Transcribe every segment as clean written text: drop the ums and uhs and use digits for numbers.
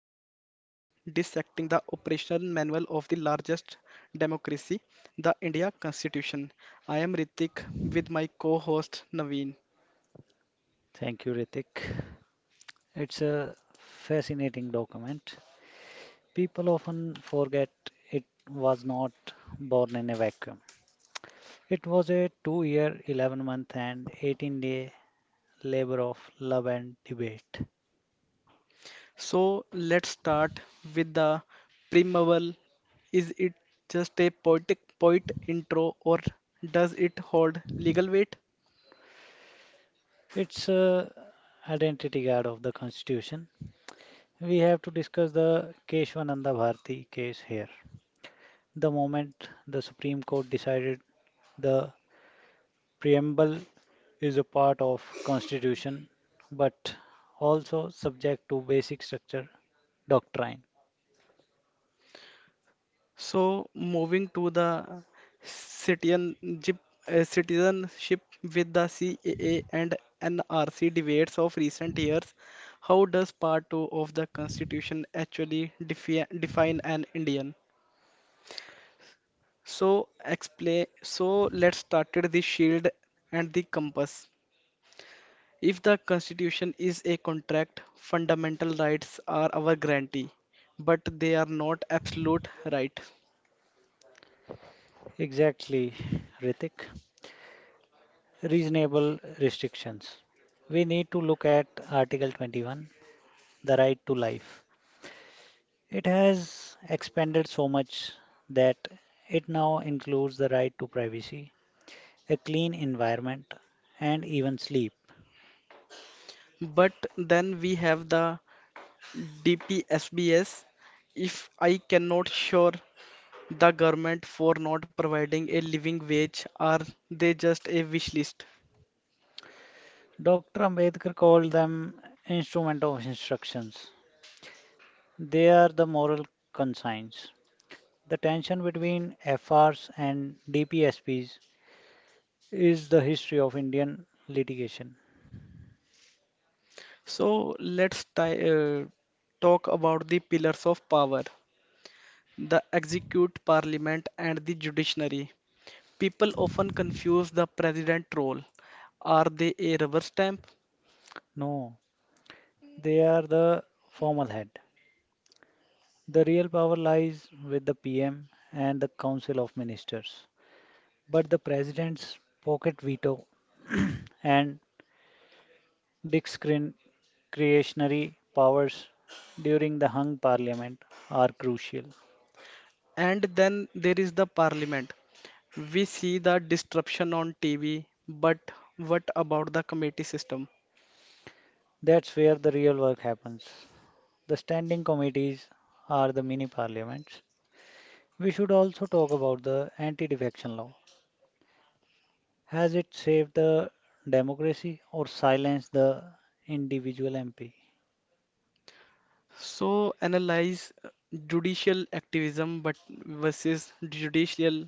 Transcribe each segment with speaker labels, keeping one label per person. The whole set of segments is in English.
Speaker 1: dissecting the operational manual of the largest democracy, the India Constitution. I am Ritik with my co-host Naveen.
Speaker 2: Thank you, Ritik. It's a fascinating document. People often forget it was not born in a vacuum. It was a 2 year, 11 month, and 18-day labor of love and debate.
Speaker 1: So let's start with the preamble. Is it just a poet intro or does it hold legal weight?
Speaker 2: It's a identity guard of the Constitution. We have to discuss the Keshwananda Bharti case here. The moment the Supreme Court decided the preamble is a part of constitution but also subject to basic structure doctrine.
Speaker 1: So moving to the citizenship, citizenship with the CAA and NRC debates of recent years, how does Part 2 of the Constitution actually define an Indian? So explain. So let's started the shield and the compass. If the Constitution is a contract, fundamental rights are our guarantee, but they are not absolute right.
Speaker 2: Exactly, Ritik. Reasonable restrictions, we need to look at article 21, the right to life. It has expanded so much that it now includes the right to privacy, a clean environment, and even sleep.
Speaker 1: But then we have the DPSBS if I cannot sure the government for not providing a living wage, are they just a wish list?
Speaker 2: Dr. Ambedkar called them instrument of instructions. They are the moral conscience. The tension between FRs and DPSPs is the history of Indian litigation.
Speaker 1: So let's talk about the pillars of power, the execute, parliament, and the judiciary. People often confuse the president role. Are they a rubber stamp?
Speaker 2: No, they are the formal head. The real power lies with the PM and the Council of Ministers. But the President's pocket veto and discretionary powers during the hung parliament are crucial.
Speaker 1: And then there is the parliament. We see the disruption on TV, but what about the committee system?
Speaker 2: That's where the real work happens. The standing committees are the mini parliaments. We should also talk about the anti defection law. Has it saved the democracy or silenced the individual MP?
Speaker 1: So analyze judicial activism but versus judicial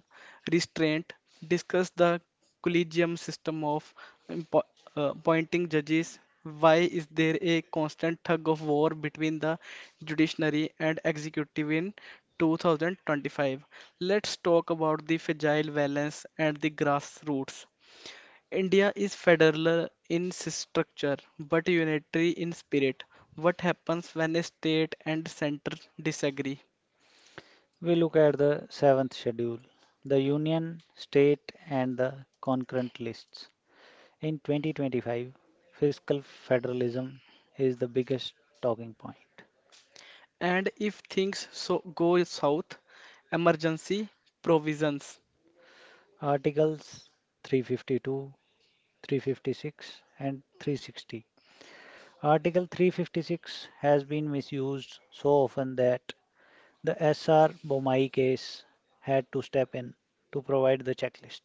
Speaker 1: restraint. Discuss the collegium system of impo- appointing judges. Why is there a constant tug of war between the judiciary and executive in 2025? Let's talk about the fragile balance and the grassroots. India is federal in structure but unitary in spirit. What happens when a state and center disagree?
Speaker 2: We look at the seventh schedule, the union, state, and the concurrent lists. In 2025, fiscal federalism is the biggest talking point.
Speaker 1: And if things so go south, emergency provisions.
Speaker 2: Articles 352, 356, and 360. Article 356 has been misused so often that the S.R. Bomai case had to step in to provide the checklist.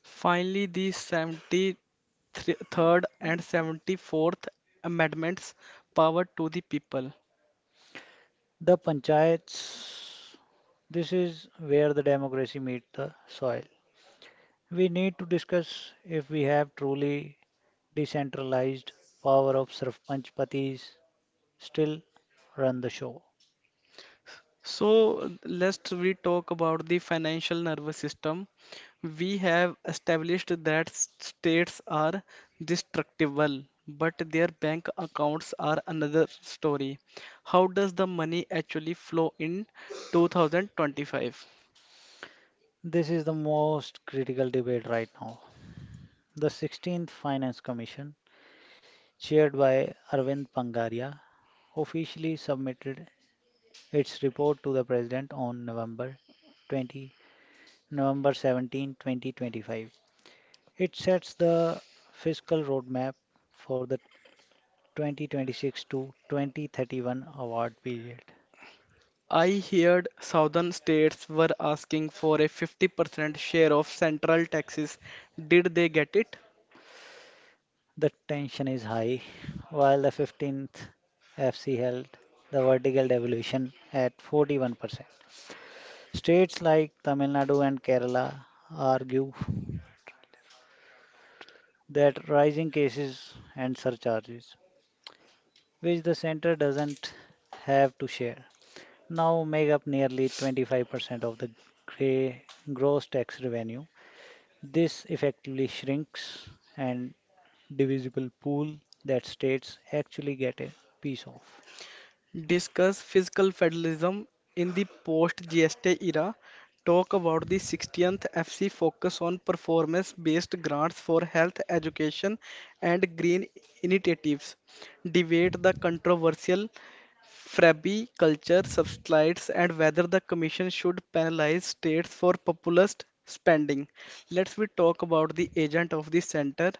Speaker 1: Finally, the 73rd and 74th amendments power to the people.
Speaker 2: The panchayats, this is where the democracy meets the soil. We need to discuss if we have truly decentralized power of sarpanch patis still run the show.
Speaker 1: So let's we talk about the financial nervous system. We have established that states are destructible, but their bank accounts are another story. How does the money actually flow in 2025?
Speaker 2: This is the most critical debate right now. The 16th Finance Commission, chaired by Arvind Pangaria, officially submitted its report to the President on November seventeenth, 20, November 17, 2025. It sets the fiscal roadmap for the 2026 to 2031 award period.
Speaker 1: I heard southern states were asking for a 50% share of central taxes. Did they get it?
Speaker 2: The tension is high, while the 15th FC held the vertical devaluation at 41%. States like Tamil Nadu and Kerala argue that rising cases and surcharges, which the center doesn't have to share, now make up nearly 25% of the gray gross tax revenue. This effectively shrinks and divisible pool that states actually get a piece of.
Speaker 1: Discuss fiscal federalism in the post-GST era, talk about the 16th FC focus on performance-based grants for health, education, and green initiatives, debate the controversial Frabby culture subsides and whether the commission should penalize states for populist spending. Let's we talk about the agent of the center,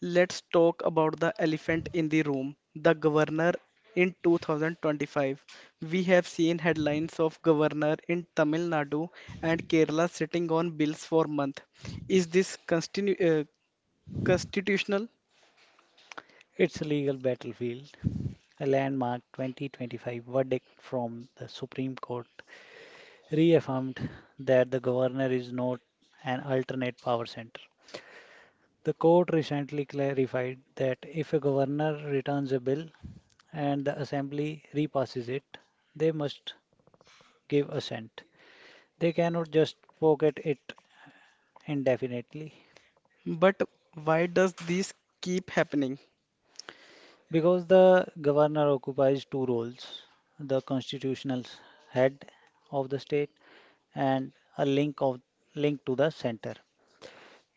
Speaker 1: let's talk about the elephant in the room, the governor in 2025. We have seen headlines of governor in Tamil Nadu and Kerala sitting on bills for months. Is this constitutional?
Speaker 2: It's a legal battlefield. A landmark 2025 verdict from the Supreme Court reaffirmed that the governor is not an alternate power center. The court recently clarified that if a governor returns a bill and the assembly repasses it, they must give assent. They cannot just pocket it indefinitely
Speaker 1: But why does this keep happening?
Speaker 2: because the governor occupies two roles: the constitutional head of the state, and a link to the center.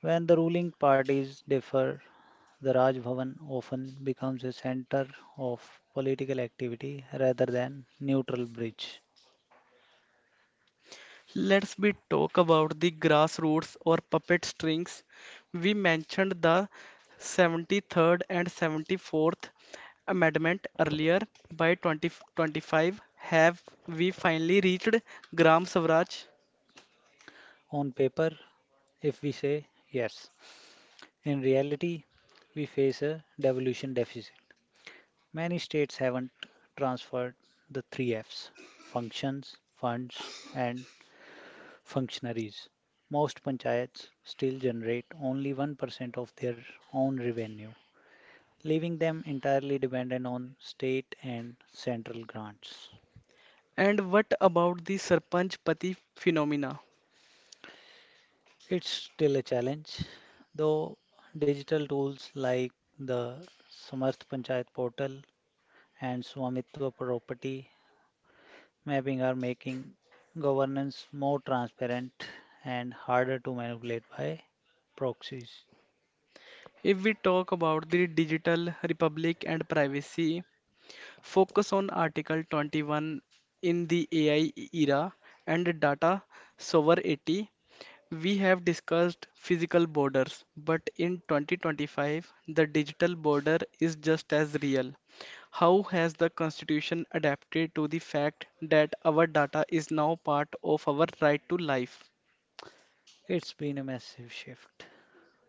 Speaker 2: When the ruling parties differ, the Raj Bhavan often becomes a center of political activity rather than neutral bridge.
Speaker 1: Let's be talk about the grassroots or puppet strings. We mentioned the 73rd and 74th Amendment earlier. By 2025, have we finally reached Gram Swaraj?
Speaker 2: On paper, if we say yes, in reality, we face a devolution deficit. Many states haven't transferred the three Fs: functions, funds, and functionaries. Most panchayats still generate only 1% of their own revenue, leaving them entirely dependent on state and central grants.
Speaker 1: And what about the Sarpanch Pati phenomena?
Speaker 2: It's still a challenge, though digital tools like the Samarth Panchayat portal and Swamitva property mapping are making governance more transparent and harder to manipulate by proxies.
Speaker 1: If we talk about the digital republic and privacy, focus on Article 21 in the AI era and data sovereignty. We have discussed physical borders, but in 2025, the digital border is just as real. How has the Constitution adapted to the fact that our data is now part of our right to life?
Speaker 2: It's been a massive shift.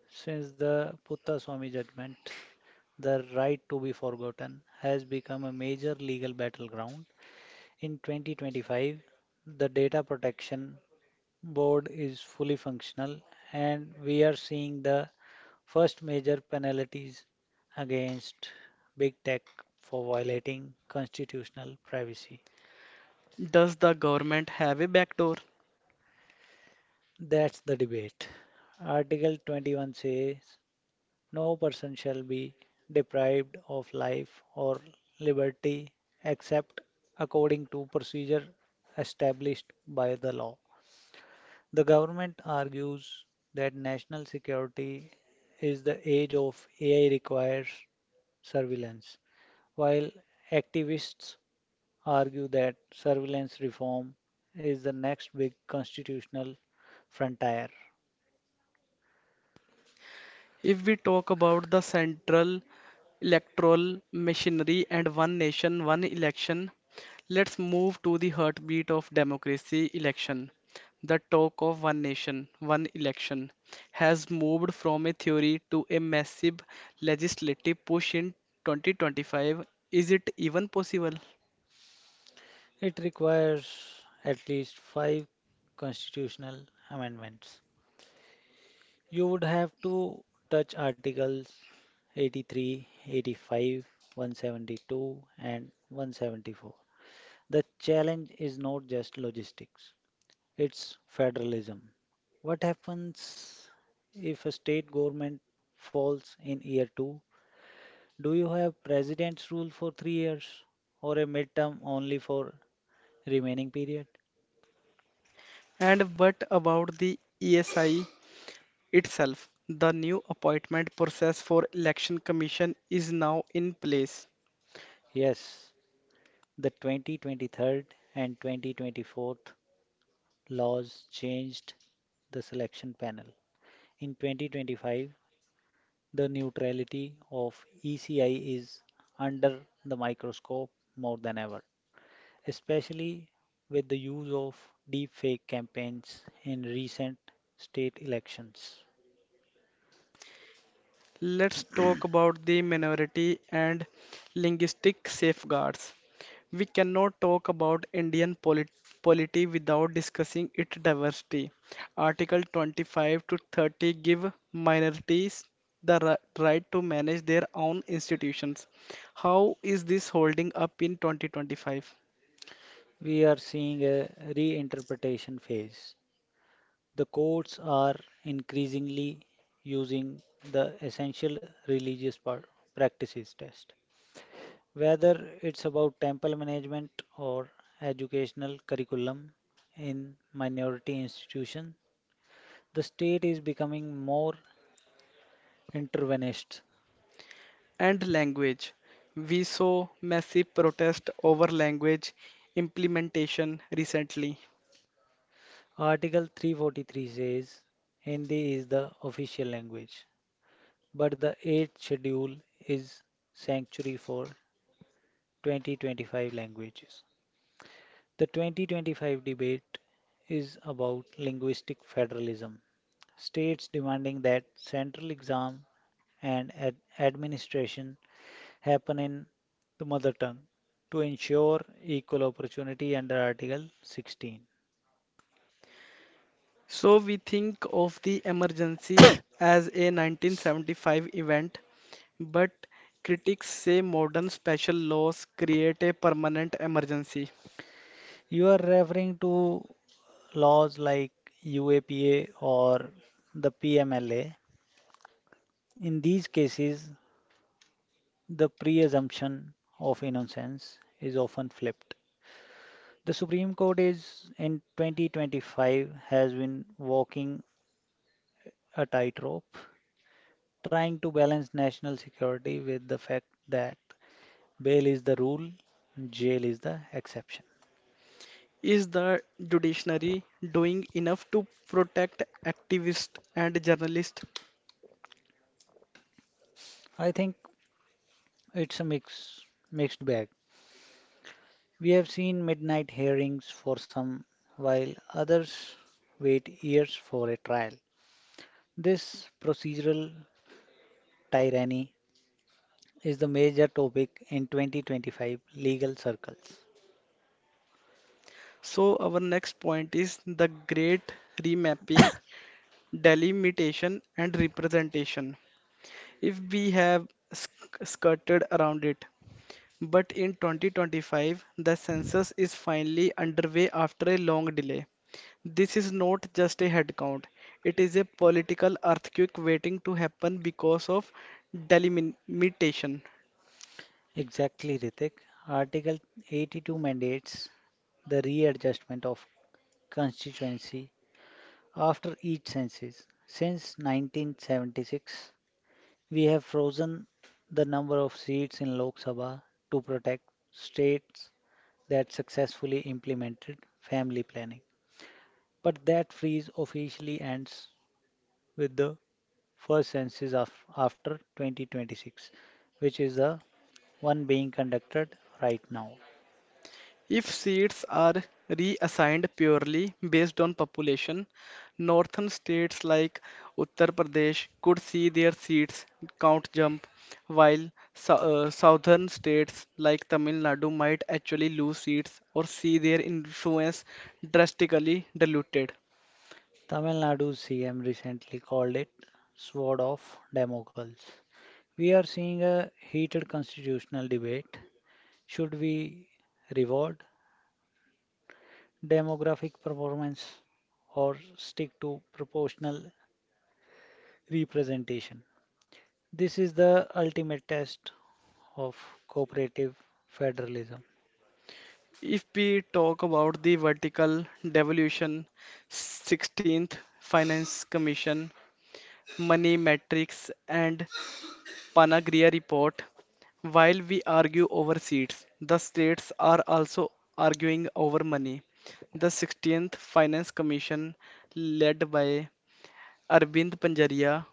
Speaker 2: Since the Putta Swami judgment, the right to be forgotten has become a major legal battleground. In 2025, the Data Protection board is fully functional, and we are seeing the first major penalties against big tech for violating constitutional privacy.
Speaker 1: Does the government have a backdoor?
Speaker 2: That's the debate. Article 21 says no person shall be deprived of life or liberty except according to procedure established by the law. The government argues that national security is the age of AI requires surveillance, while activists argue that surveillance reform is the next big constitutional frontier.
Speaker 1: If we talk about the central electoral machinery and one nation, one election, let's move to the heartbeat of democracy election. The talk of one nation, one election has moved from a theory to a massive legislative push in 2025. Is it even possible?
Speaker 2: It requires at least five constitutional amendments. You would have to touch Articles 83, 85, 172, and 174. The challenge is not just logistics, it's federalism. What happens if a state government falls in year two? Do you have president's rule for 3 years or a midterm only for remaining period?
Speaker 1: And what about the ESI itself? The new appointment process for Election Commission is now in place.
Speaker 2: Yes, the 2023 and 2024 laws changed the selection panel. In 2025, the neutrality of ECI is under the microscope more than ever, especially with the use of deepfake campaigns in recent state elections.
Speaker 1: Let's talk about the minority and linguistic safeguards. We cannot talk about Indian polity without discussing its diversity. Article 25 to 30 give minorities the right to manage their own institutions. How is this holding up in 2025?
Speaker 2: We are seeing a reinterpretation phase. The courts are increasingly using the essential religious practices test. Whether it's about temple management or educational curriculum in minority institutions, the state is becoming more interventionist.
Speaker 1: And language. We saw massive protest over language implementation recently.
Speaker 2: Article 343 says Hindi is the official language, but the 8th schedule is sanctuary for 2025 languages. The 2025 debate is about linguistic federalism. States demanding that central exam and administration happen in the mother tongue to ensure equal opportunity under Article 16.
Speaker 1: So we think of the emergency as a 1975 event, but critics say modern special laws create a permanent emergency.
Speaker 2: You are referring to laws like UAPA or the PMLA. In these cases, the pre-assumption of innocence is often flipped. The Supreme Court is in 2025 has been walking a tightrope, trying to balance national security with the fact that bail is the rule, jail is the exception.
Speaker 1: Is the judiciary doing enough to protect activists and journalists?
Speaker 2: I think it's a mixed bag. We have seen midnight hearings for some, while others wait years for a trial. This procedural tyranny is the major topic in 2025 legal circles.
Speaker 1: So our next point is the great remapping, delimitation and representation. If we have skirted around it, but in 2025, the census is finally underway after a long delay. This is not just a headcount, it is a political earthquake waiting to happen because of delimitation.
Speaker 2: Exactly, Ritik. Article 82 mandates the readjustment of constituency after each census. Since 1976, we have frozen the number of seats in Lok Sabha to protect states that successfully implemented family planning. But that freeze officially ends with the first census of, after 2026, which is the one being conducted right now.
Speaker 1: If seats are reassigned purely based on population, northern states like Uttar Pradesh could see their seats count jump, while southern states like Tamil Nadu might actually lose seats or see their influence drastically diluted.
Speaker 2: Tamil Nadu's CM recently called it sword of Damocles. We are seeing a heated constitutional debate. Should we reward demographic performance or stick to proportional representation? This is the ultimate test of cooperative federalism.
Speaker 1: If we talk about the vertical devolution, 16th Finance Commission, money metrics, and Panagria report. While we argue over seats, the states are also arguing over money. The 16th Finance Commission, led by Arvind Panjaria,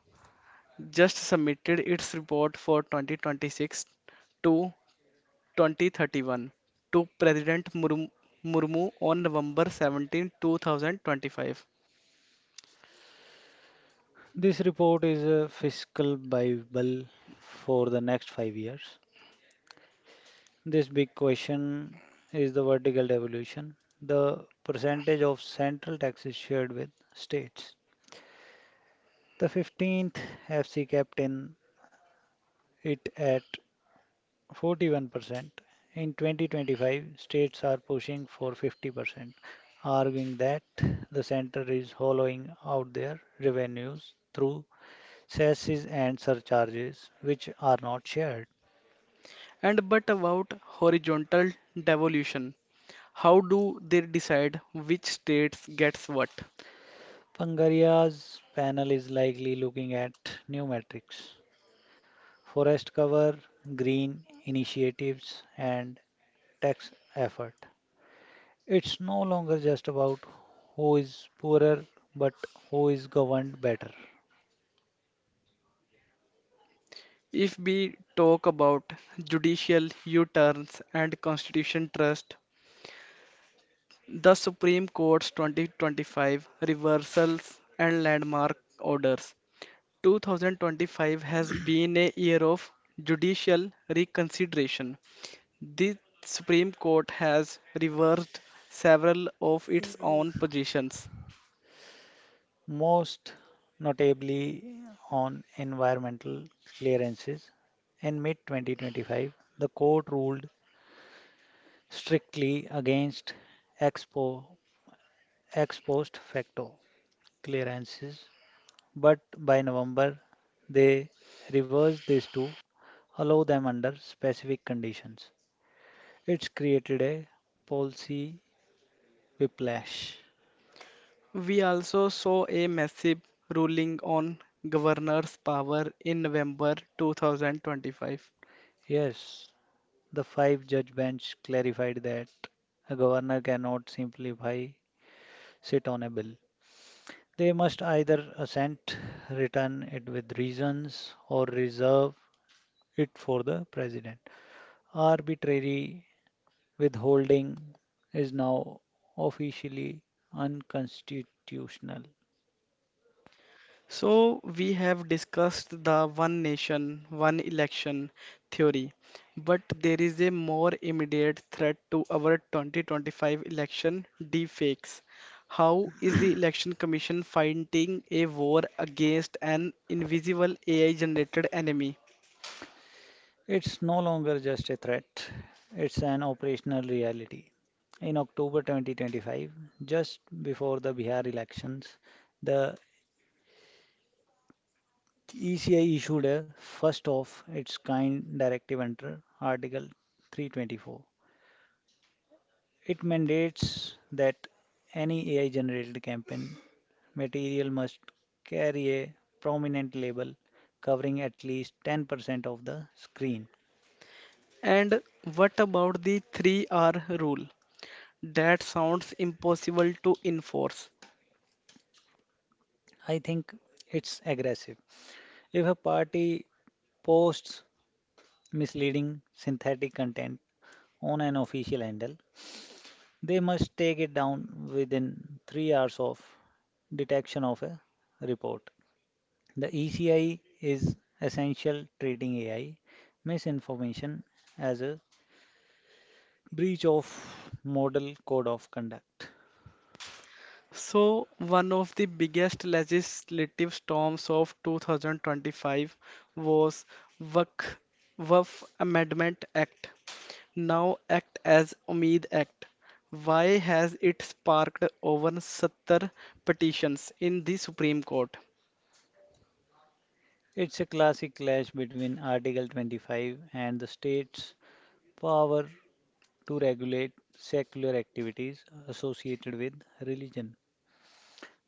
Speaker 1: just submitted its report for 2026 to 2031 to President Murmu on November 17, 2025.
Speaker 2: This report is a fiscal bible for the next 5 years. This big question is the vertical devolution: the percentage of central taxes shared with states. The 15th FC kept in it at 41%. In 2025, states are pushing for 50%, arguing that the center is hollowing out their revenues through cesses and surcharges, which are not shared.
Speaker 1: And but about horizontal devolution, how do they decide which states gets what?
Speaker 2: Pangaria's panel is likely looking at new metrics: forest cover, green initiatives, and tax effort. It's no longer just about who is poorer, but who is governed better.
Speaker 1: If we talk about judicial U-turns and constitution trust, the Supreme Court's 2025 reversals and landmark orders. 2025 has been a year of judicial reconsideration. The Supreme Court has reversed several of its own positions.
Speaker 2: Most notably on environmental clearances. In mid 2025, the court ruled strictly against expo, ex post facto clearances, but by November they reversed this to allow them under specific conditions. It's created a policy whiplash.
Speaker 1: We also saw a massive ruling on governor's power in November 2025.
Speaker 2: Yes, the five judge bench clarified that a governor cannot simplify sit on a bill. They must either assent, return it with reasons, or reserve it for the president. Arbitrary withholding is now officially unconstitutional.
Speaker 1: So, we have discussed the one nation, one election theory, but there is a more immediate threat to our 2025 election deepfakes. How is the Election Commission fighting a war against an invisible AI generated enemy?
Speaker 2: It's no longer just a threat, it's an operational reality. In October 2025, just before the Bihar elections, the ECI issued a first of its kind directive under Article 324. It mandates that any AI generated campaign material must carry a prominent label covering at least 10% of the screen.
Speaker 1: And what about the 3R rule? That sounds impossible to enforce.
Speaker 2: I think it's aggressive. If a party posts misleading synthetic content on an official handle, they must take it down within 3 hours of detection of a report. The ECI is essential treating AI misinformation as a breach of model code of conduct.
Speaker 1: So, one of the biggest legislative storms of 2025 was WACC, WAF Amendment Act, now act as Umeed Act. Why has it sparked over 70 petitions in the Supreme Court?
Speaker 2: It's a classic clash between Article 25 and the state's power to regulate secular activities associated with religion.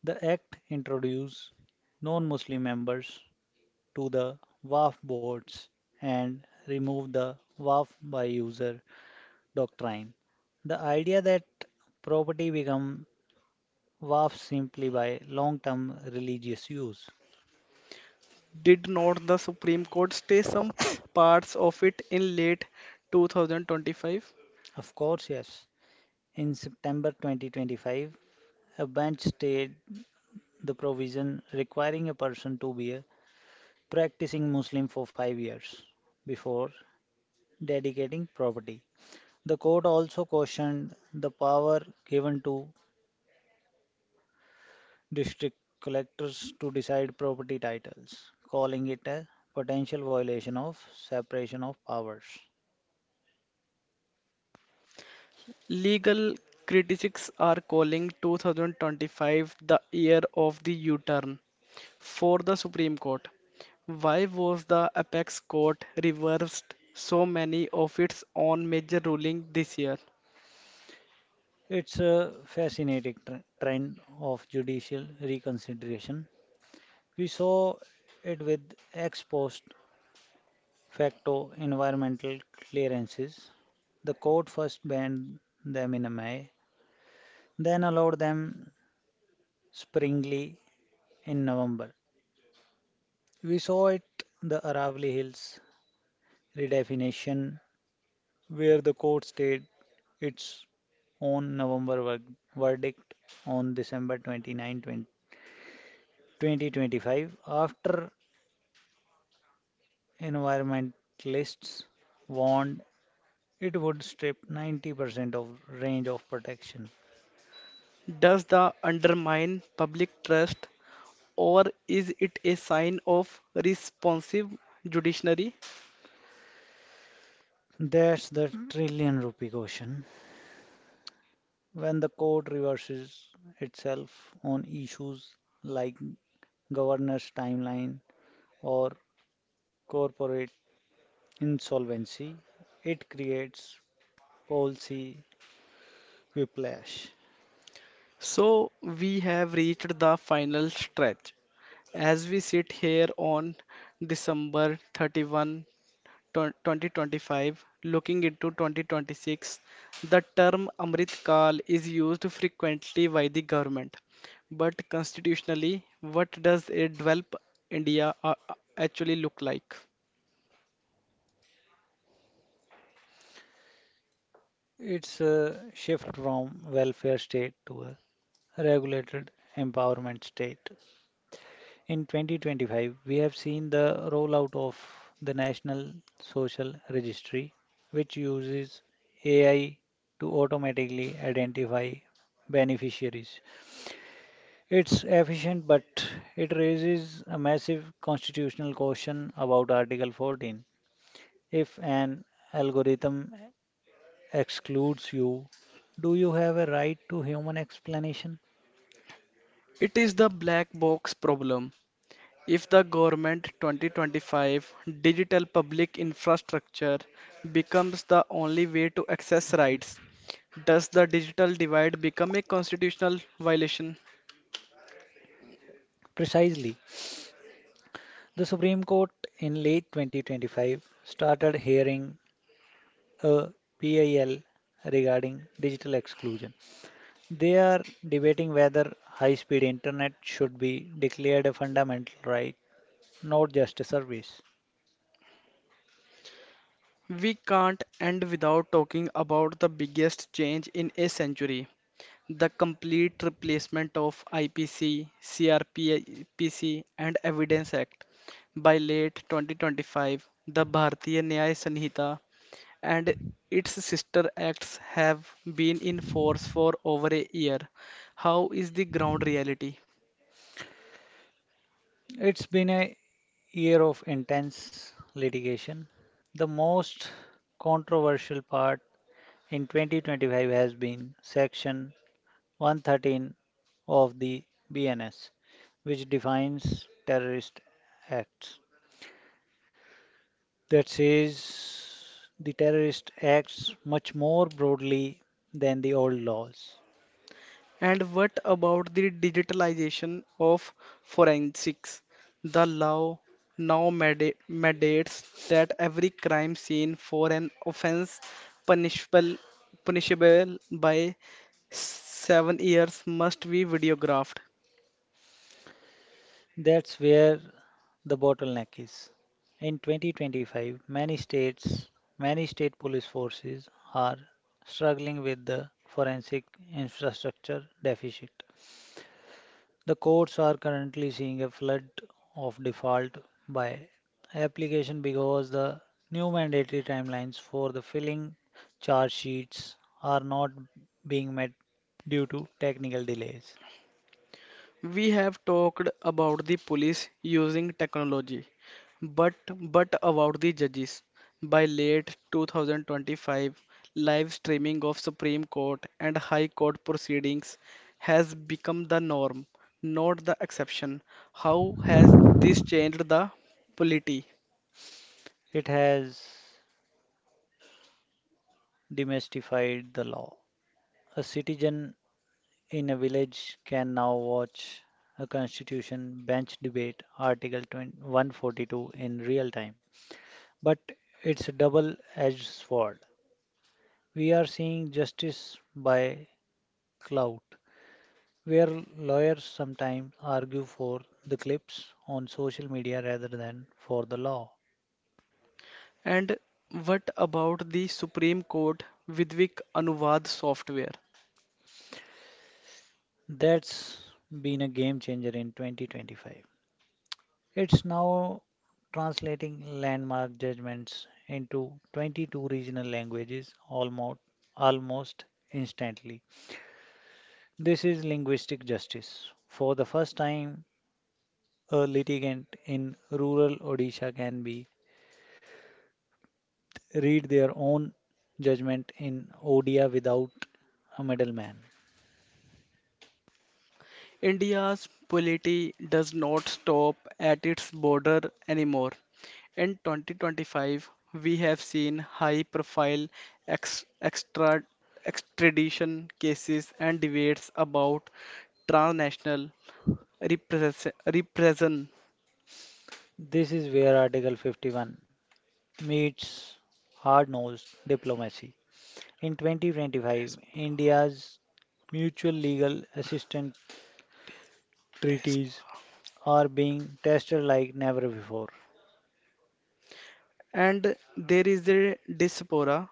Speaker 2: The act introduced non Muslim members to the WAF boards and removed the WAF by user doctrine. The idea that property becomes vast simply by long-term religious use.
Speaker 1: Did not the Supreme Court stay some parts of it in late 2025?
Speaker 2: Of course, yes. In September 2025, a bench stayed the provision requiring a person to be a practicing Muslim for 5 years before dedicating property. The court also cautioned the power given to district collectors to decide property titles, calling it a potential violation of separation of powers.
Speaker 1: Legal critics are calling 2025 the year of the U-turn for the Supreme Court. Why was the apex court reversed so many of its own major rulings this year?
Speaker 2: It's a fascinating trend of judicial reconsideration. We saw it with ex post facto environmental clearances. The court first banned them in May, then allowed them springly in November. We saw it the Aravali Hills redefinition where the court stayed its own November verdict on December 29, 20 2025, after environmentalists warned it would strip 90% of range of protection.
Speaker 1: Does the undermine public trust or is it a sign of responsive judiciary?
Speaker 2: That's the trillion rupee question. When the court reverses itself on issues like governance timeline or corporate insolvency, it creates policy whiplash.
Speaker 1: So we have reached the final stretch. As we sit here on December 31, 2025. Looking into 2026, the term Amrit Kal is used frequently by the government. But constitutionally, what does a developed India actually look like?
Speaker 2: It's a shift from welfare state to a regulated empowerment state. In 2025, we have seen the rollout of the National Social Registry, which uses AI to automatically identify beneficiaries. It's efficient, but it raises a massive constitutional question about Article 14. If an algorithm excludes you, do you have a right to human explanation?
Speaker 1: It is the black box problem. If the government 2025 digital public infrastructure becomes the only way to access rights, does the digital divide become a constitutional violation?
Speaker 2: Precisely. The Supreme Court in late 2025 started hearing a PIL regarding digital exclusion. They are debating whether high speed internet should be declared a fundamental right, not just a service.
Speaker 1: We can't end without talking about the biggest change in a century, the complete replacement of IPC, CRPC, and Evidence Act. By late 2025, the Bharatiya Nyaya Sanhita and its sister acts have been in force for over a year. How is the ground reality?
Speaker 2: It's been a year of intense litigation. The most controversial part in 2025 has been Section 113 of the BNS, which defines terrorist acts. That says the terrorist acts much more broadly than the old laws.
Speaker 1: And what about the digitalization of forensics? The law now mandates that every crime scene for an offense punishable punishable by 7 years must be videographed.
Speaker 2: That's where the bottleneck is. In 2025, many states, many state police forces are struggling with the forensic infrastructure deficit. The courts are currently seeing a flood of default by application because the new mandatory timelines for the filling charge sheets are not being met due to technical delays.
Speaker 1: We have talked about the police using technology, but but about the judges. By late 2025, live streaming of Supreme Court and High Court proceedings has become the norm, not the exception. How has this changed the polity?
Speaker 2: It has demystified the law. A citizen in a village can now watch a constitution bench debate article 142 in real time. But it's a double-edged sword. We are seeing justice by clout, where lawyers sometimes argue for the clips on social media rather than for the law.
Speaker 1: And what about the Supreme Court Vidvik Anuvad software?
Speaker 2: That's been a game changer in 2025. It's now translating landmark judgments into 22 regional languages almost instantly. This is linguistic justice. For the first time, a litigant in rural Odisha can be read their own judgment in ODI without a middleman.
Speaker 1: India's polity does not stop at its border anymore. In 2025, we have seen high profile ex- extra- extradition cases and debates about transnational repression.
Speaker 2: This is where Article 51 meets hard nosed diplomacy. In 2025, India's mutual legal assistance treaties are being tested like never before.
Speaker 1: And there is a diaspora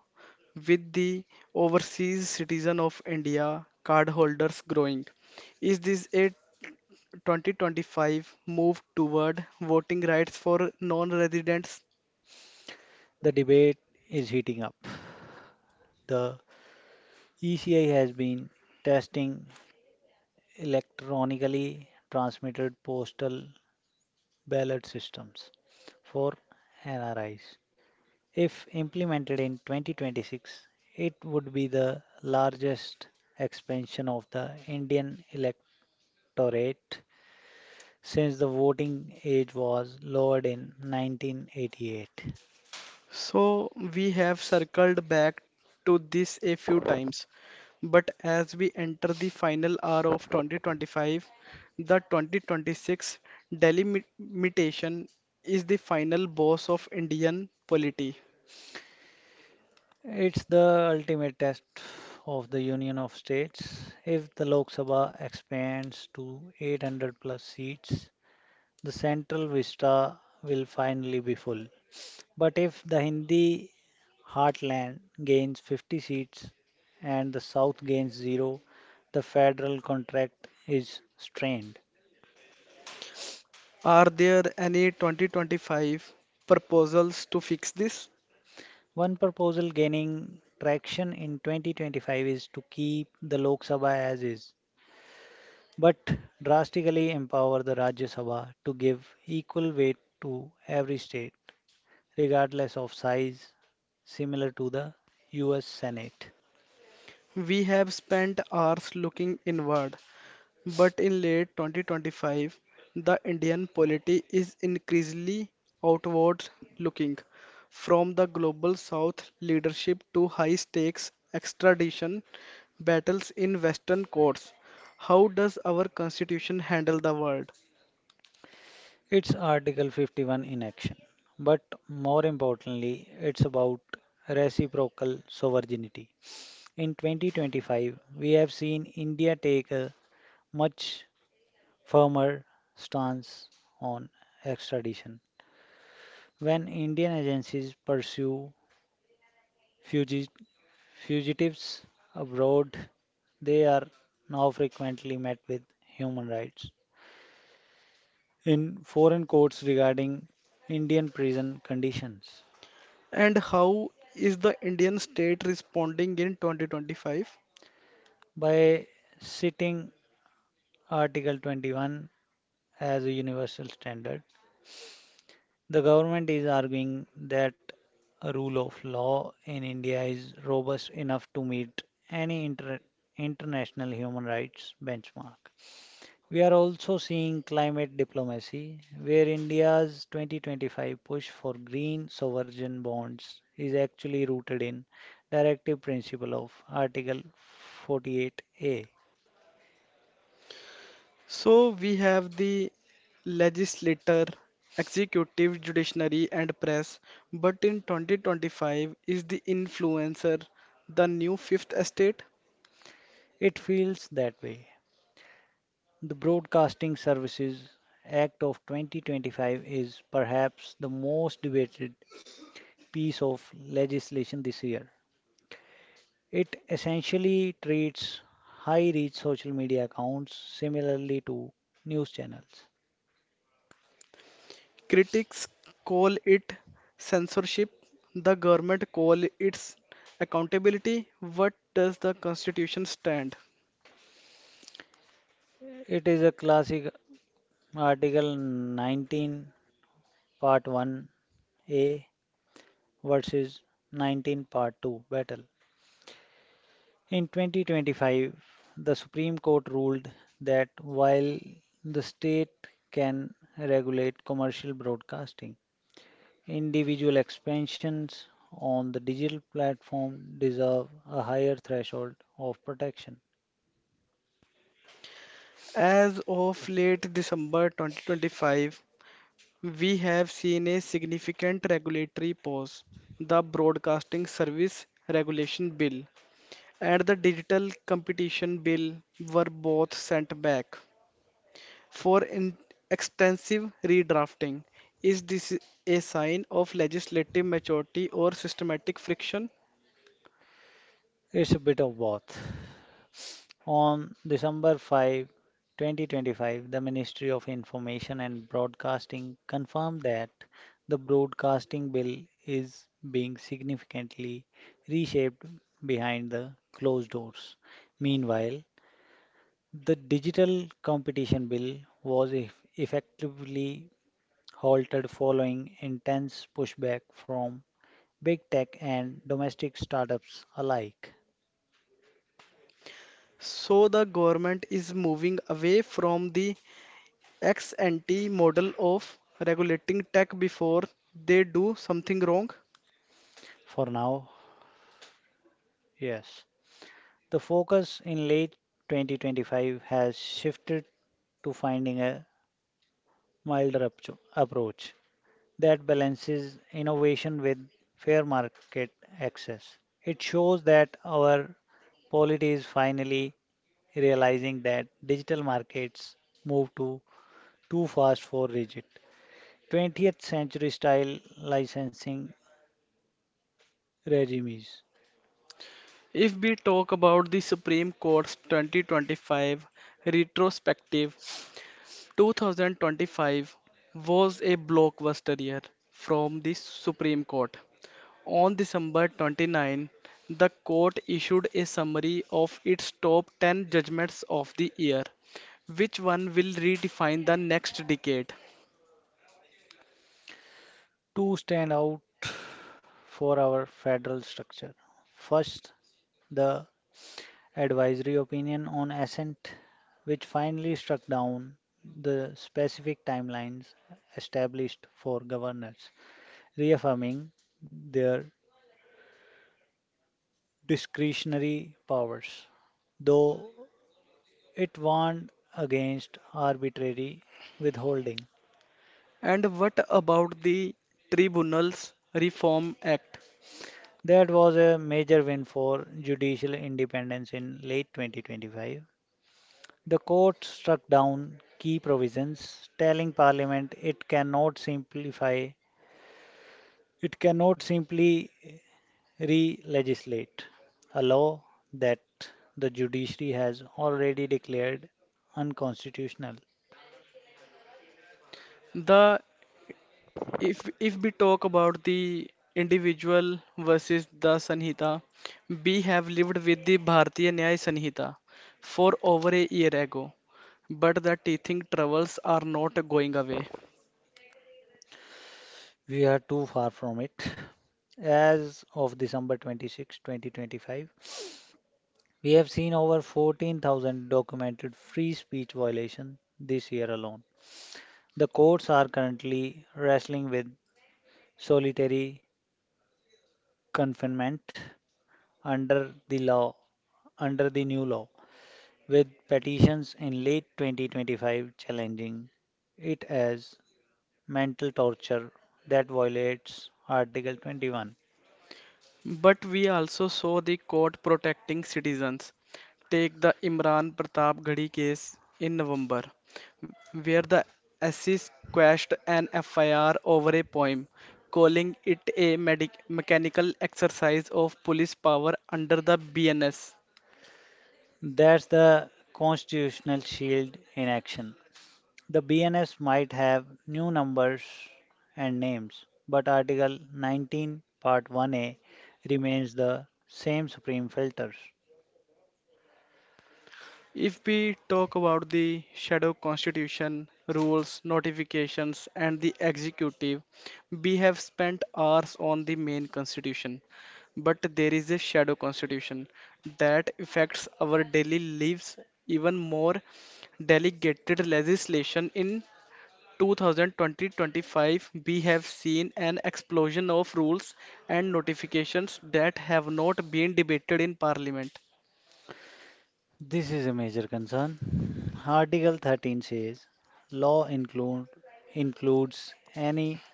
Speaker 1: with the overseas citizen of India cardholders growing. Is this a 2025 moved toward voting rights for non-residents?
Speaker 2: The debate is heating up. The ECI has been testing electronically transmitted postal ballot systems for NRIs. If implemented in 2026, it would be the largest expansion of the Indian electorate since the voting age was lowered in 1988.
Speaker 1: So we have circled back to this a few times. But as we enter the final hour of 2025, the 2026 delimitation is the final boss of Indian polity.
Speaker 2: It's the ultimate test of the Union of States. If the Lok Sabha expands to 800 plus seats, the central vista will finally be full. But if the Hindi heartland gains 50 seats and the South gains zero, the federal contract is strained.
Speaker 1: Are there any 2025 proposals to fix this?
Speaker 2: One proposal gaining traction in 2025 is to keep the Lok Sabha as is, but drastically empower the Rajya Sabha to give equal weight to every state, regardless of size, similar to the US Senate.
Speaker 1: We have spent hours looking inward, but in late 2025, the Indian polity is increasingly outward looking, from the global south leadership to high stakes extradition battles in Western courts. How does our constitution handle the world?
Speaker 2: It's Article 51 in action, but more importantly, it's about reciprocal sovereignty. In 2025, we have seen India take a much firmer stance on extradition. When Indian agencies pursue fugi- fugitives abroad, they are now frequently met with human rights in foreign courts regarding Indian prison conditions,
Speaker 1: And how is the Indian state responding in 2025?
Speaker 2: by citing Article 21 as a universal standard. The government is arguing that rule of law in India is robust enough to meet any international human rights benchmark. We are also seeing climate diplomacy, where India's 2025 push for green sovereign bonds is actually rooted in directive principle of Article 48A.
Speaker 1: So we have the legislature, executive, judiciary, and press. But in 2025, is the influencer the new fifth estate?
Speaker 2: It feels that way. The Broadcasting Services Act of 2025 is perhaps the most debated piece of legislation this year. It essentially treats high reach social media accounts similarly to news channels.
Speaker 1: Critics call it censorship, the government call it accountability. What does the constitution stand?
Speaker 2: It is a classic Article 19, Part 1A versus 19, Part 2 battle. In 2025, the Supreme Court ruled that while the state can regulate commercial broadcasting, individual expansions on the digital platform deserve a higher threshold of protection.
Speaker 1: As of late December 2025, we have seen a significant regulatory pause, the Broadcasting Service Regulation Bill and the Digital Competition Bill were both sent back for in extensive redrafting. Is this a sign of legislative maturity or systematic friction?
Speaker 2: It's a bit of both. On December 5, 2025, the Ministry of Information and Broadcasting confirmed that the broadcasting bill is being significantly reshaped behind the closed doors. Meanwhile, the Digital Competition Bill was effectively halted following intense pushback from big tech and domestic startups alike.
Speaker 1: So the government is moving away from the ex ante model of regulating tech before they do something wrong.
Speaker 2: For now, yes. The focus in late 2025 has shifted to finding a milder approach that balances innovation with fair market access. It shows that our polity is finally realizing that digital markets move too fast for rigid 20th century style licensing regimes.
Speaker 1: If we talk about the Supreme Court's 2025 retrospective, 2025 was a blockbuster year from the Supreme Court. On December 29, the court issued a summary of its top 10 judgments of the year. Which one will redefine the next decade?
Speaker 2: Two stand out for our federal structure. First, the advisory opinion on assent, which finally struck down the specific timelines established for governors, reaffirming their discretionary powers, though it warned against arbitrary withholding.
Speaker 1: And what about the Tribunals Reform Act?
Speaker 2: That was a major win for judicial independence in late 2025. The court struck down key provisions, telling Parliament it cannot simply re-legislate a law that the judiciary has already declared unconstitutional.
Speaker 1: The If we talk about the individual versus the Sanhita, we have lived with the Bharatiya Nyaya Sanhita for over a year ago, but the teething troubles are not going away.
Speaker 2: We are too far from it. As of December 26, 2025, we have seen over 14,000 documented free speech violations this year alone. The courts are currently wrestling with solitary confinement under the law, under the new law, with petitions in late 2025 challenging it as mental torture that violates Article 21.
Speaker 1: But we also saw the court protecting citizens. Take the Imran Pratap Ghadi case in November, where the Assis quashed an FIR over a poem, calling it a mechanical exercise of police power under the BNS.
Speaker 2: That's the constitutional shield in action. The BNS might have new numbers and names, but Article 19, Part 1A remains the same supreme filters.
Speaker 1: If we talk about the shadow constitution, rules, notifications, and the executive, we have spent hours on the main constitution. But there is a shadow constitution that affects our daily lives even more. Delegated legislation in 2025, we have seen an explosion of rules and notifications that have not been debated in parliament.
Speaker 2: This is a major concern. Article 13 says law include, includes any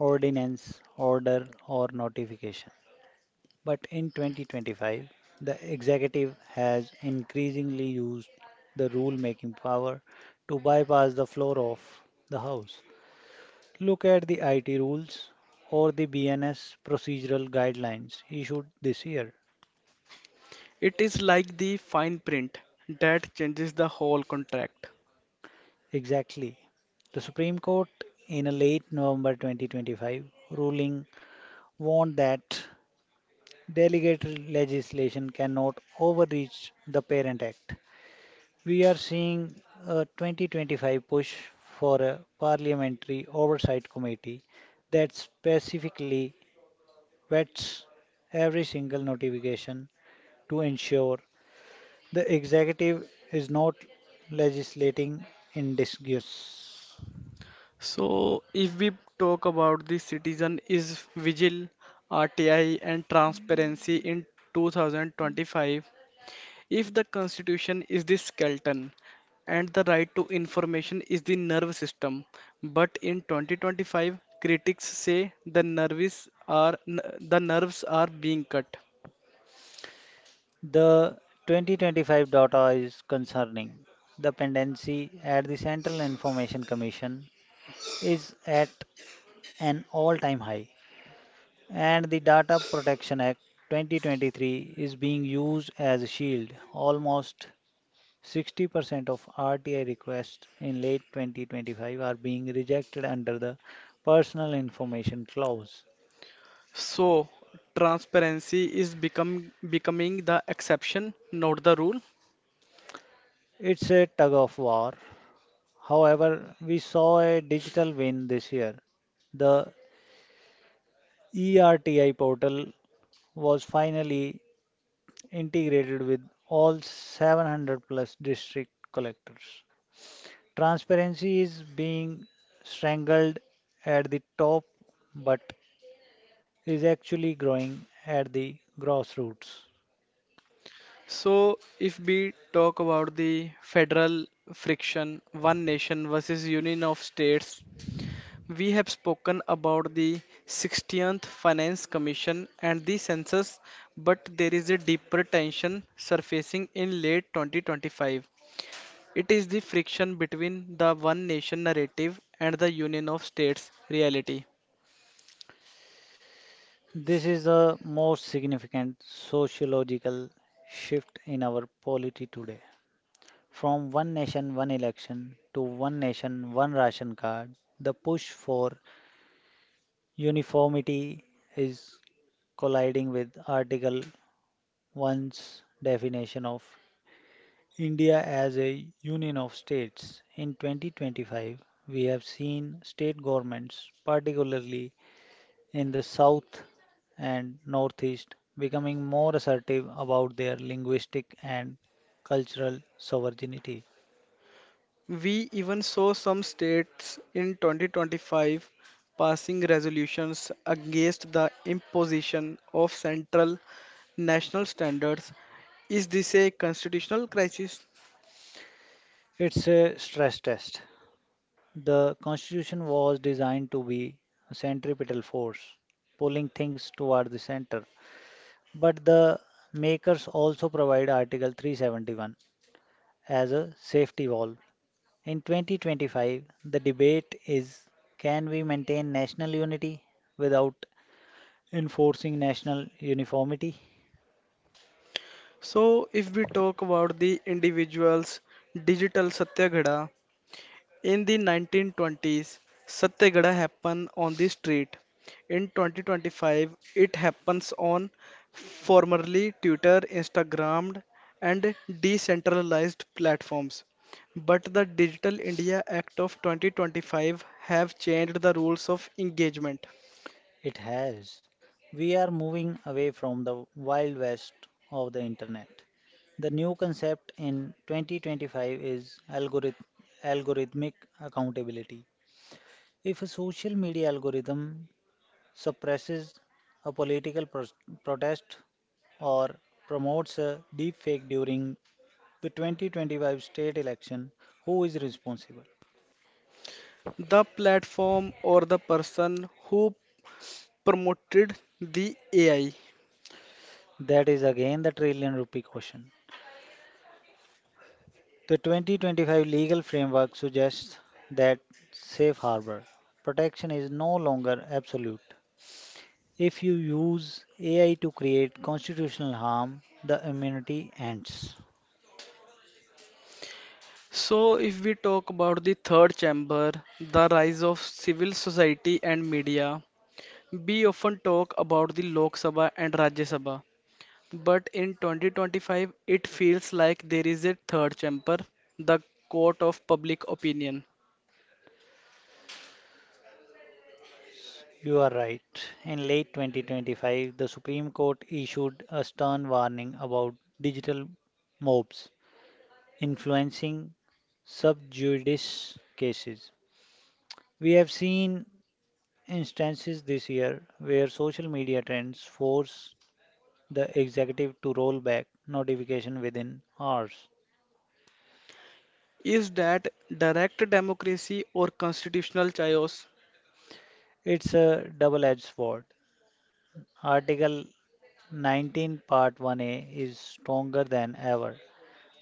Speaker 2: ordinance, order, or notification. But in 2025, the executive has increasingly used the rule making power to bypass the floor of the House. Look at the IT rules or the BNS procedural guidelines issued this year.
Speaker 1: It is like the fine print that changes the whole contract.
Speaker 2: Exactly. The Supreme Court, in a late November 2025 ruling, warned that delegated legislation cannot overreach the Parent Act. We are seeing a 2025 push for a parliamentary oversight committee that specifically vets every single notification to ensure the executive is not legislating in disguise.
Speaker 1: So, if we talk about the citizen is vigil, RTI, and transparency in 2025, if the constitution is the skeleton and the right to information is the nerve system, but in 2025, critics say the nerves are being cut.
Speaker 2: The 2025 data is concerning. The pendency at the Central Information Commission is at an all time high, and the Data Protection Act 2023 is being used as a shield. Almost 60% of RTI requests in late 2025 are being rejected under the Personal Information Clause.
Speaker 1: So, transparency is become becoming the exception, not the rule.
Speaker 2: It's a tug of war. However, we saw a digital win this year. The ERTI portal was finally integrated with all 700 plus district collectors. Transparency is being strangled at the top, but is actually growing at the grassroots.
Speaker 1: So, if we talk about the federal friction, one nation versus union of states, we have spoken about the 60th Finance Commission and the census, but there is a deeper tension surfacing in late 2025. It is the friction between the one nation narrative and the union of states reality.
Speaker 2: This is the most significant sociological shift in our polity today. From one nation, one election to one nation, one ration card, the push for uniformity is colliding with Article 1's definition of India as a union of states. In 2025, we have seen state governments, particularly in the south and northeast, becoming more assertive about their linguistic and cultural sovereignty.
Speaker 1: We even saw some states in 2025 passing resolutions against the imposition of central national standards. Is this a constitutional crisis?
Speaker 2: It's a stress test. The constitution was designed to be a centripetal force, pulling things toward the center. But the makers also provide Article 371 as a safety valve. In 2025, the debate is, can we maintain national unity without enforcing national uniformity?
Speaker 1: So, if we talk about the individuals, digital Satyagraha. In the 1920s, Satyagraha happened on the street. In 2025, it happens on formerly Twitter, Instagram, and decentralized platforms. But the Digital India Act of 2025 have changed the rules of engagement.
Speaker 2: It has. We are moving away from the wild west of the internet. The new concept in 2025 is algorithmic accountability. If a social media algorithm suppresses a protest or promotes a deepfake during the 2025 state election, who is responsible?
Speaker 1: The platform or the person who promoted the AI?
Speaker 2: That is again the trillion rupee question. The 2025 legal framework suggests that safe harbor protection is no longer absolute. If you use AI to create constitutional harm, the immunity ends.
Speaker 1: So, if we talk about the third chamber, the rise of civil society and media, we often talk about the Lok Sabha and Rajya Sabha. But in 2025, it feels like there is a third chamber, the court of public opinion.
Speaker 2: You are right. In late 2025, the Supreme Court issued a stern warning about digital mobs influencing sub judice cases. We have seen instances this year where social media trends force the executive to roll back notification within hours.
Speaker 1: Is that direct democracy or constitutional chaos?
Speaker 2: It's a double-edged sword. Article 19 Part 1A is stronger than ever,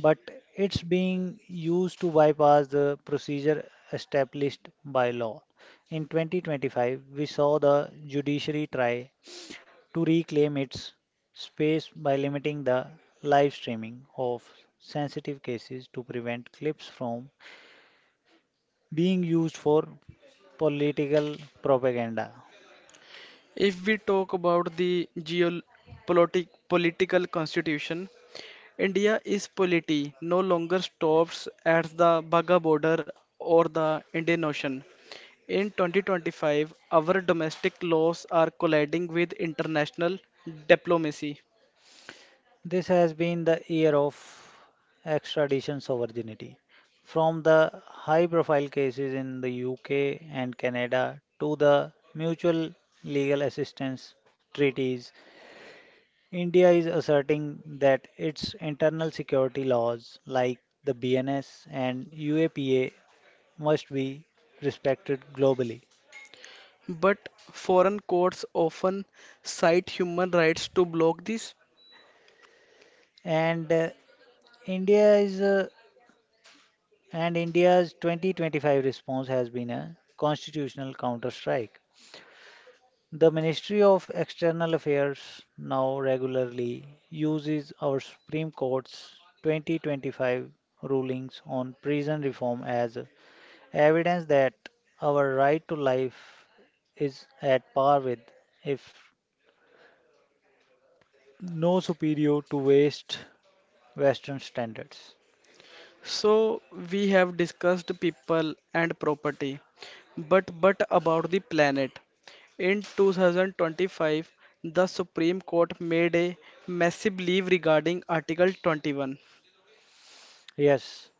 Speaker 2: but it's being used to bypass the procedure established by law. In 2025, we saw the judiciary try to reclaim its space by limiting the live streaming of sensitive cases to prevent clips from being used for political propaganda.
Speaker 1: If we talk about the geopolitic political constitution, India is polity, no longer stops at the Bagha border or the Indian Ocean. In 2025, our domestic laws are colliding with international diplomacy.
Speaker 2: This has been the year of extradition sovereignty, from the high profile cases in the UK and Canada to the mutual legal assistance treaties. India is asserting that its internal security laws, like the BNS and UAPA, must be respected globally.
Speaker 1: But foreign courts often cite human rights to block this.
Speaker 2: And India is and India's 2025 response has been a constitutional counterstrike. The Ministry of External Affairs now regularly uses our Supreme Court's 2025 rulings on prison reform as evidence that our right to life is at par with, if no superior to waste Western standards.
Speaker 1: So we have discussed people and property, but about the planet. In 2025, the Supreme Court made a massive leave regarding Article 21.
Speaker 2: Yes,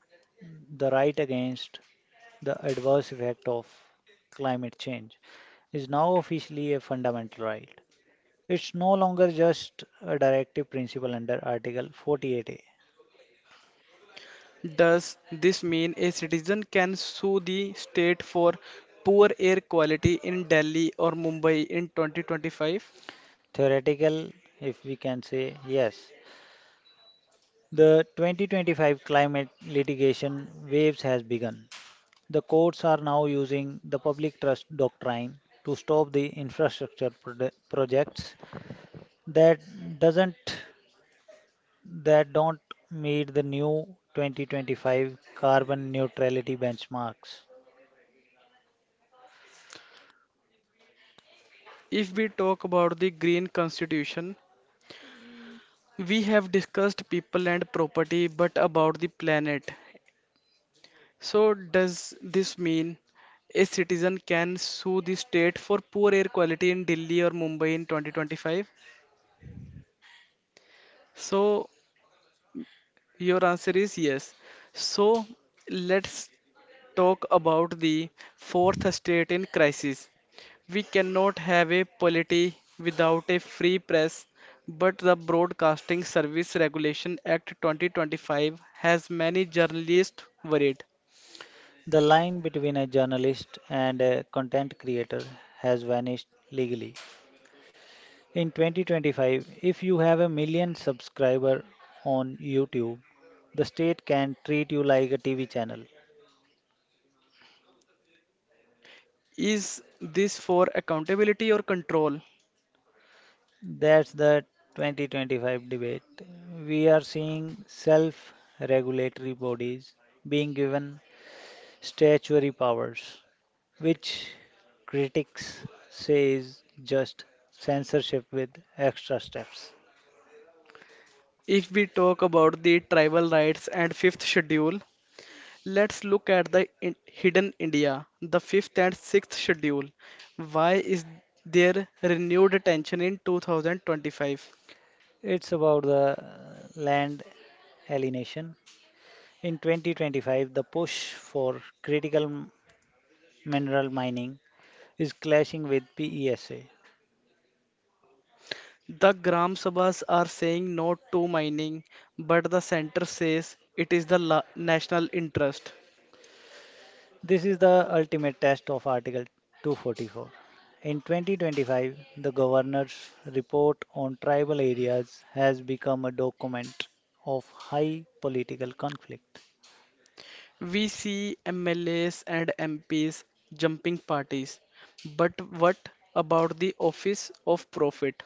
Speaker 2: the right against the adverse effect of climate change is now officially a fundamental right. It's no longer just a directive principle under Article 48A.
Speaker 1: Does this mean a citizen can sue the state for poor air quality in Delhi or Mumbai in 2025?
Speaker 2: Theoretical, if we can say yes. The 2025 climate litigation waves has begun. The courts are now using the public trust doctrine to stop the infrastructure projects that doesn't that don't meet the new 2025 carbon neutrality benchmarks.
Speaker 1: If we talk about the Green Constitution, we have discussed people and property, but about the planet. So, does this mean a citizen can sue the state for poor air quality in Delhi or Mumbai in 2025? So, your answer is yes. So, let's talk about the fourth state in crisis. We cannot have a polity without a free press, but the Broadcasting Service Regulation Act 2025 has many journalists worried.
Speaker 2: The line between a journalist and a content creator has vanished legally. In 2025, if you have a million subscriber on YouTube, the state can treat you like a TV channel.
Speaker 1: Is this for accountability or control?
Speaker 2: That's the 2025 debate. We are seeing self regulatory bodies being given statutory powers, which critics say is just censorship with extra steps.
Speaker 1: If we talk about the tribal rights and fifth schedule, let's look at the hidden India, the fifth and sixth schedule. Why is there renewed attention in 2025?
Speaker 2: It's about the land alienation. In 2025, the push for critical mineral mining is clashing with PESA.
Speaker 1: The Gram Sabhas are saying no to mining, but the center says it is the national interest.
Speaker 2: This is the ultimate test of Article 244. In 2025, the governor's report on tribal areas has become a document of high political conflict.
Speaker 1: We see MLAs and MPs jumping parties, but what about the office of profit?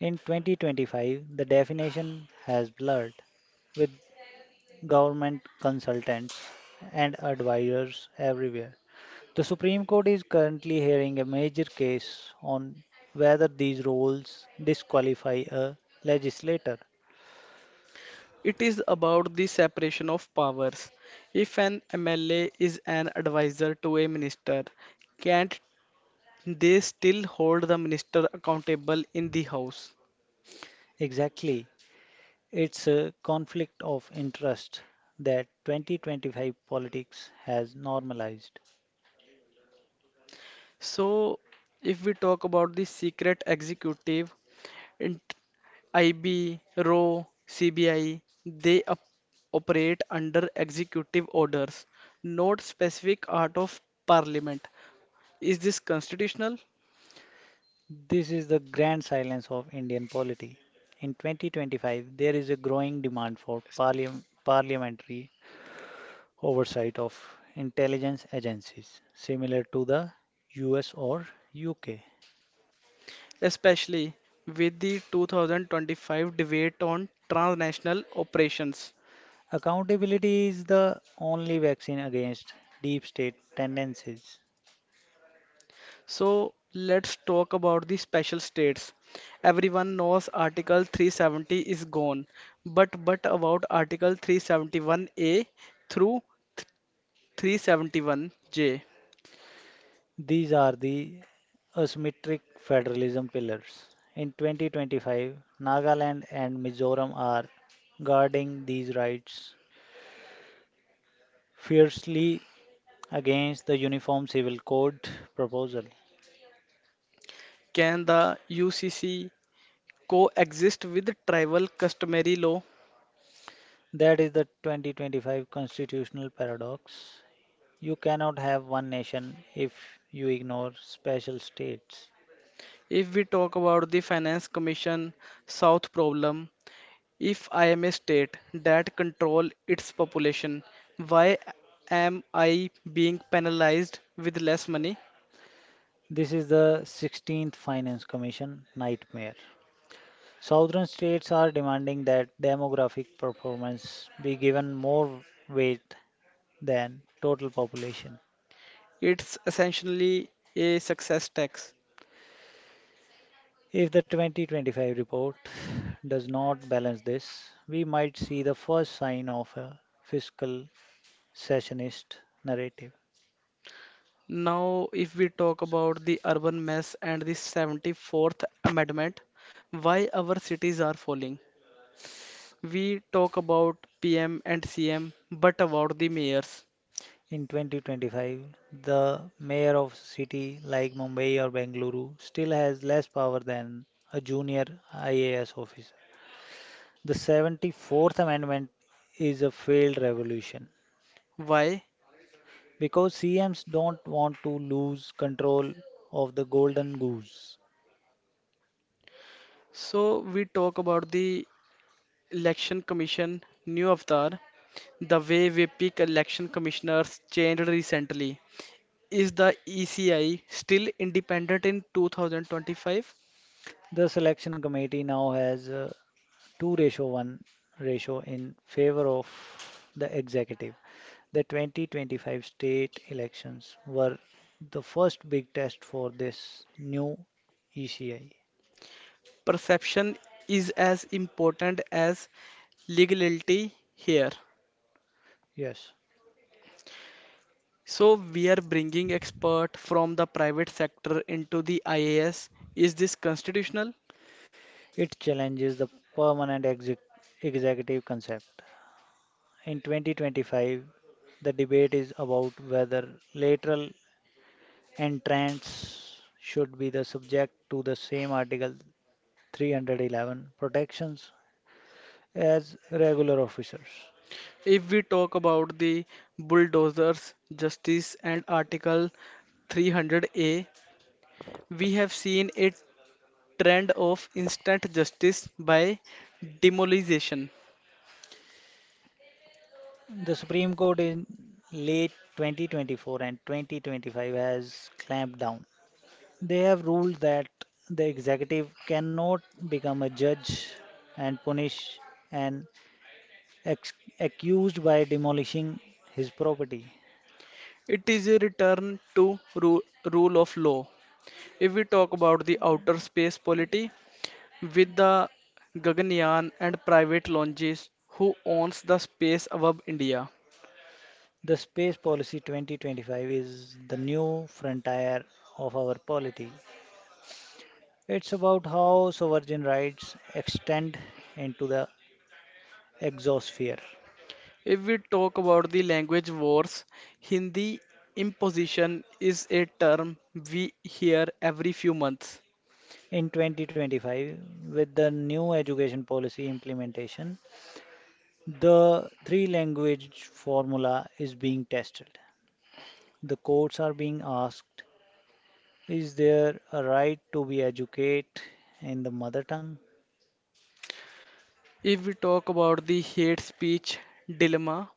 Speaker 2: In 2025, the definition has blurred with government consultants and advisors everywhere. The Supreme Court is currently hearing a major case on whether these roles disqualify a legislator.
Speaker 1: It is about the separation of powers. If an MLA is an advisor to a minister, can't they still hold the minister accountable in the House?
Speaker 2: Exactly. It's a conflict of interest that 2025 politics has normalized.
Speaker 1: So, if we talk about the secret executive, int- IB, RO, CBI, they operate under executive orders, not specific art of parliament. Is this constitutional?
Speaker 2: This is the grand silence of Indian polity. In 2025, there is a growing demand for parliamentary oversight of intelligence agencies, similar to the US or UK.
Speaker 1: Especially with the 2025 debate on transnational operations.
Speaker 2: Accountability is the only vaccine against deep state tendencies.
Speaker 1: So let's talk about the special states. Everyone knows Article 370 is gone, but about Article 371A through 371J.
Speaker 2: These are the asymmetric federalism pillars. In 2025, Nagaland and Mizoram are guarding these rights fiercely against the Uniform Civil Code proposal.
Speaker 1: Can the UCC coexist with tribal customary law?
Speaker 2: That is the 2025 constitutional paradox. You cannot have one nation if you ignore special states.
Speaker 1: If we talk about the Finance Commission South problem, if I am a state that control its population, why am I being penalized with less money?
Speaker 2: This is the 16th Finance Commission nightmare. Southern states are demanding that demographic performance be given more weight than total population.
Speaker 1: It's essentially a success tax.
Speaker 2: If the 2025 report does not balance this, we might see the first sign of a fiscal secessionist narrative.
Speaker 1: Now, if we talk about the urban mess and the 74th Amendment, why our cities are falling? We talk about PM and CM, but about the mayors.
Speaker 2: In 2025, the mayor of a city like Mumbai or Bengaluru still has less power than a junior IAS officer. The 74th Amendment is a failed revolution,
Speaker 1: Why?
Speaker 2: because CMs don't want to lose control of the golden goose.
Speaker 1: So we talk about the election commission, new avatar, the way we pick election commissioners changed recently. Is the ECI still independent in 2025?
Speaker 2: The selection committee now has a 2 ratio 1 ratio in favor of the executive. The 2025 state elections were the first big test for this new ECI.
Speaker 1: Perception is as important as legality here.
Speaker 2: Yes,
Speaker 1: So we are bringing expert from the private sector into the IAS. Is this constitutional?
Speaker 2: it challenges the permanent executive concept. In 2025, the debate is about whether lateral and trends should be the subject to the same Article 311 protections as regular officers.
Speaker 1: If we talk about the bulldozers, justice and Article 300A, we have seen a trend of instant justice by demolization.
Speaker 2: The Supreme Court in late 2024 and 2025 has clamped down. They have ruled that the executive cannot become a judge and punish an ex- accused by demolishing his property.
Speaker 1: It is a return to rule of law. If we talk about the outer space polity, with the Gaganyaan and private launches, who owns the space above India?
Speaker 2: The Space Policy 2025 is the new frontier of our polity. It's about how sovereign rights extend into the exosphere.
Speaker 1: If we talk about the language wars, Hindi imposition is a term we hear every few months.
Speaker 2: In 2025, with the new education policy implementation, the three language formula is being tested. The courts are being asked, is there a right to be educated in the mother tongue?
Speaker 1: If we talk about the hate speech dilemma,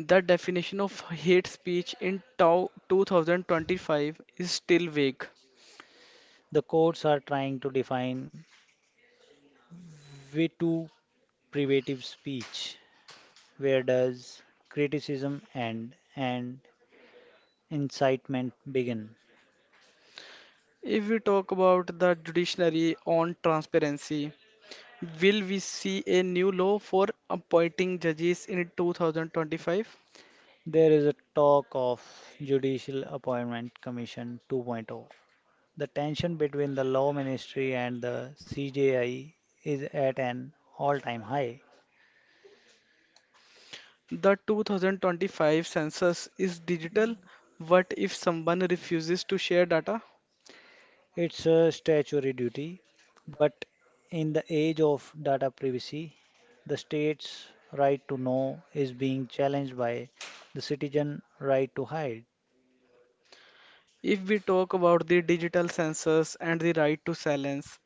Speaker 1: the definition of hate speech in 2025 is still vague.
Speaker 2: The courts are trying to define V2 privative speech. Where does criticism end and incitement begin?
Speaker 1: If we talk about the judiciary on transparency, will we see a new law for appointing judges in 2025?
Speaker 2: There is a talk of Judicial Appointment Commission 2.0. The tension between the Law Ministry and the CJI is at an all-time high.
Speaker 1: The 2025 census is digital. What if someone refuses to share data?
Speaker 2: It's a statutory duty, but in the age of data privacy, the state's right to know is being challenged by the citizen right to hide.
Speaker 1: If we talk about the digital sensors and the right to silence,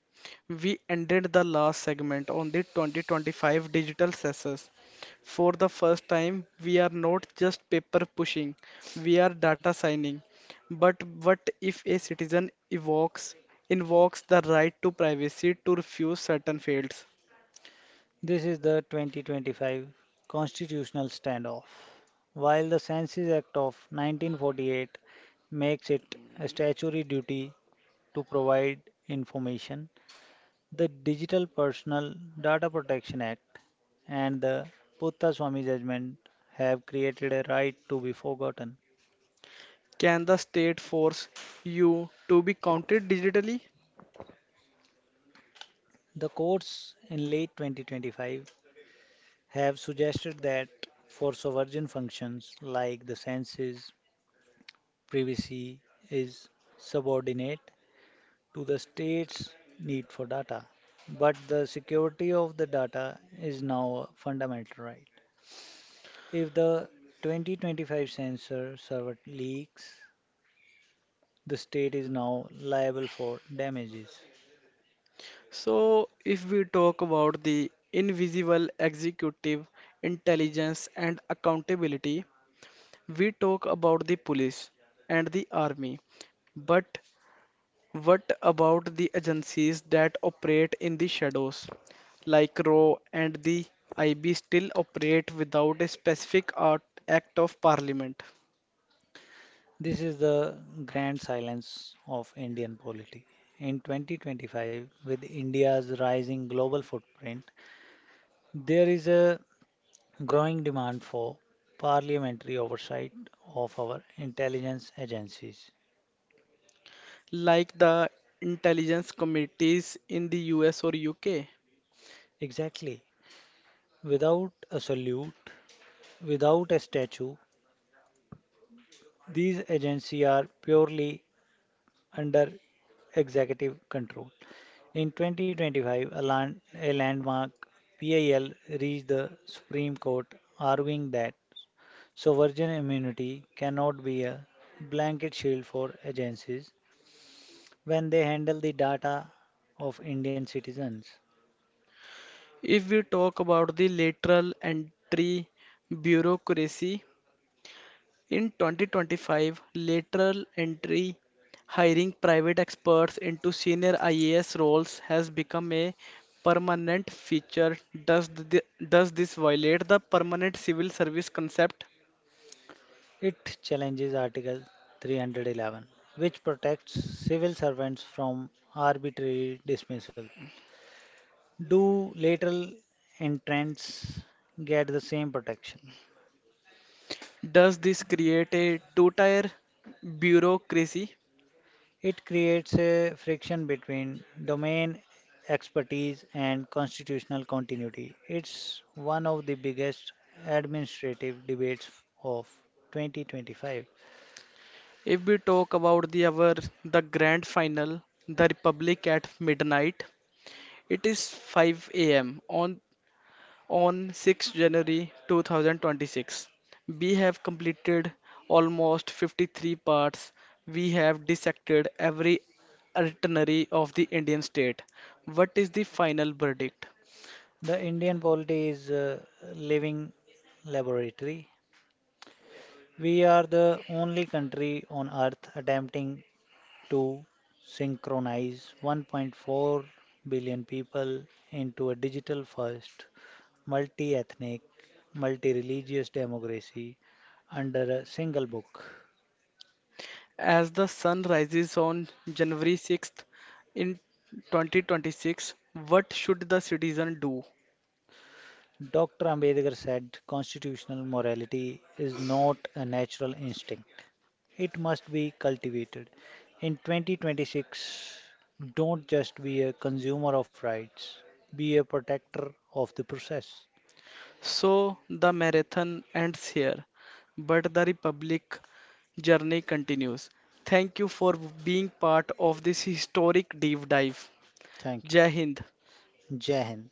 Speaker 1: we ended the last segment on the 2025 digital sensors. For the first time, we are not just paper pushing, we are data signing. But what if a citizen invokes the right to privacy to refuse certain fields?
Speaker 2: This is the 2025 constitutional standoff. While the Census Act of 1948 makes it a statutory duty to provide information, the Digital Personal Data Protection Act and the Puttaswamy judgment have created a right to be forgotten.
Speaker 1: Can the state force you to be counted digitally?
Speaker 2: The courts in late 2025 have suggested that for sovereign functions like the census, privacy is subordinate to the state's need for data. But the security of the data is now a fundamental right. If the 2025 sensor server leaks, the state is now liable for damages.
Speaker 1: So, if we talk about the invisible executive intelligence and accountability, we talk about the police and the army. But what about the agencies that operate in the shadows, like RAW and the IB still operate without a specific act of parliament,
Speaker 2: This is the grand silence of Indian polity. In 2025, with India's rising global footprint, there is a growing demand for parliamentary oversight of our intelligence agencies.
Speaker 1: like the intelligence committees in the US or UK?
Speaker 2: Exactly. Without a salute, without a statue, these agencies are purely under executive control. In 2025, a landmark PIL reached the Supreme Court arguing that sovereign immunity cannot be a blanket shield for agencies when they handle the data of Indian citizens.
Speaker 1: If we talk about the lateral entry bureaucracy, in 2025, lateral entry hiring private experts into senior IAS roles has become a permanent feature. Does, th- does this violate the permanent civil service concept?
Speaker 2: It challenges Article 311, which protects civil servants from arbitrary dismissal. Do lateral entrants get the same protection?
Speaker 1: Does this create a two-tier bureaucracy?
Speaker 2: It creates a friction between domain expertise and constitutional continuity. It's one of the biggest administrative debates of 2025.
Speaker 1: If we talk about the hour, the grand final, the Republic at midnight, it is 5 a.m. on 6 January 2026. We have completed almost 53 parts. We have dissected every itinerary of the Indian state. What is the final verdict?
Speaker 2: The Indian polity is a living laboratory. We are the only country on Earth attempting to synchronize 1.4 billion people into a digital first, multi ethnic, multi religious democracy under a single book.
Speaker 1: As the sun rises on January 6th in 2026, what should the citizen do?
Speaker 2: Dr. Ambedkar said constitutional morality is not a natural instinct. It must be cultivated. In 2026, don't just be a consumer of rights, be a protector of the process.
Speaker 1: So the marathon ends here, but the Republic journey continues. Thank you for being part of this historic deep dive.
Speaker 2: Thank you.
Speaker 1: Jai Hind.
Speaker 2: Jai Hind.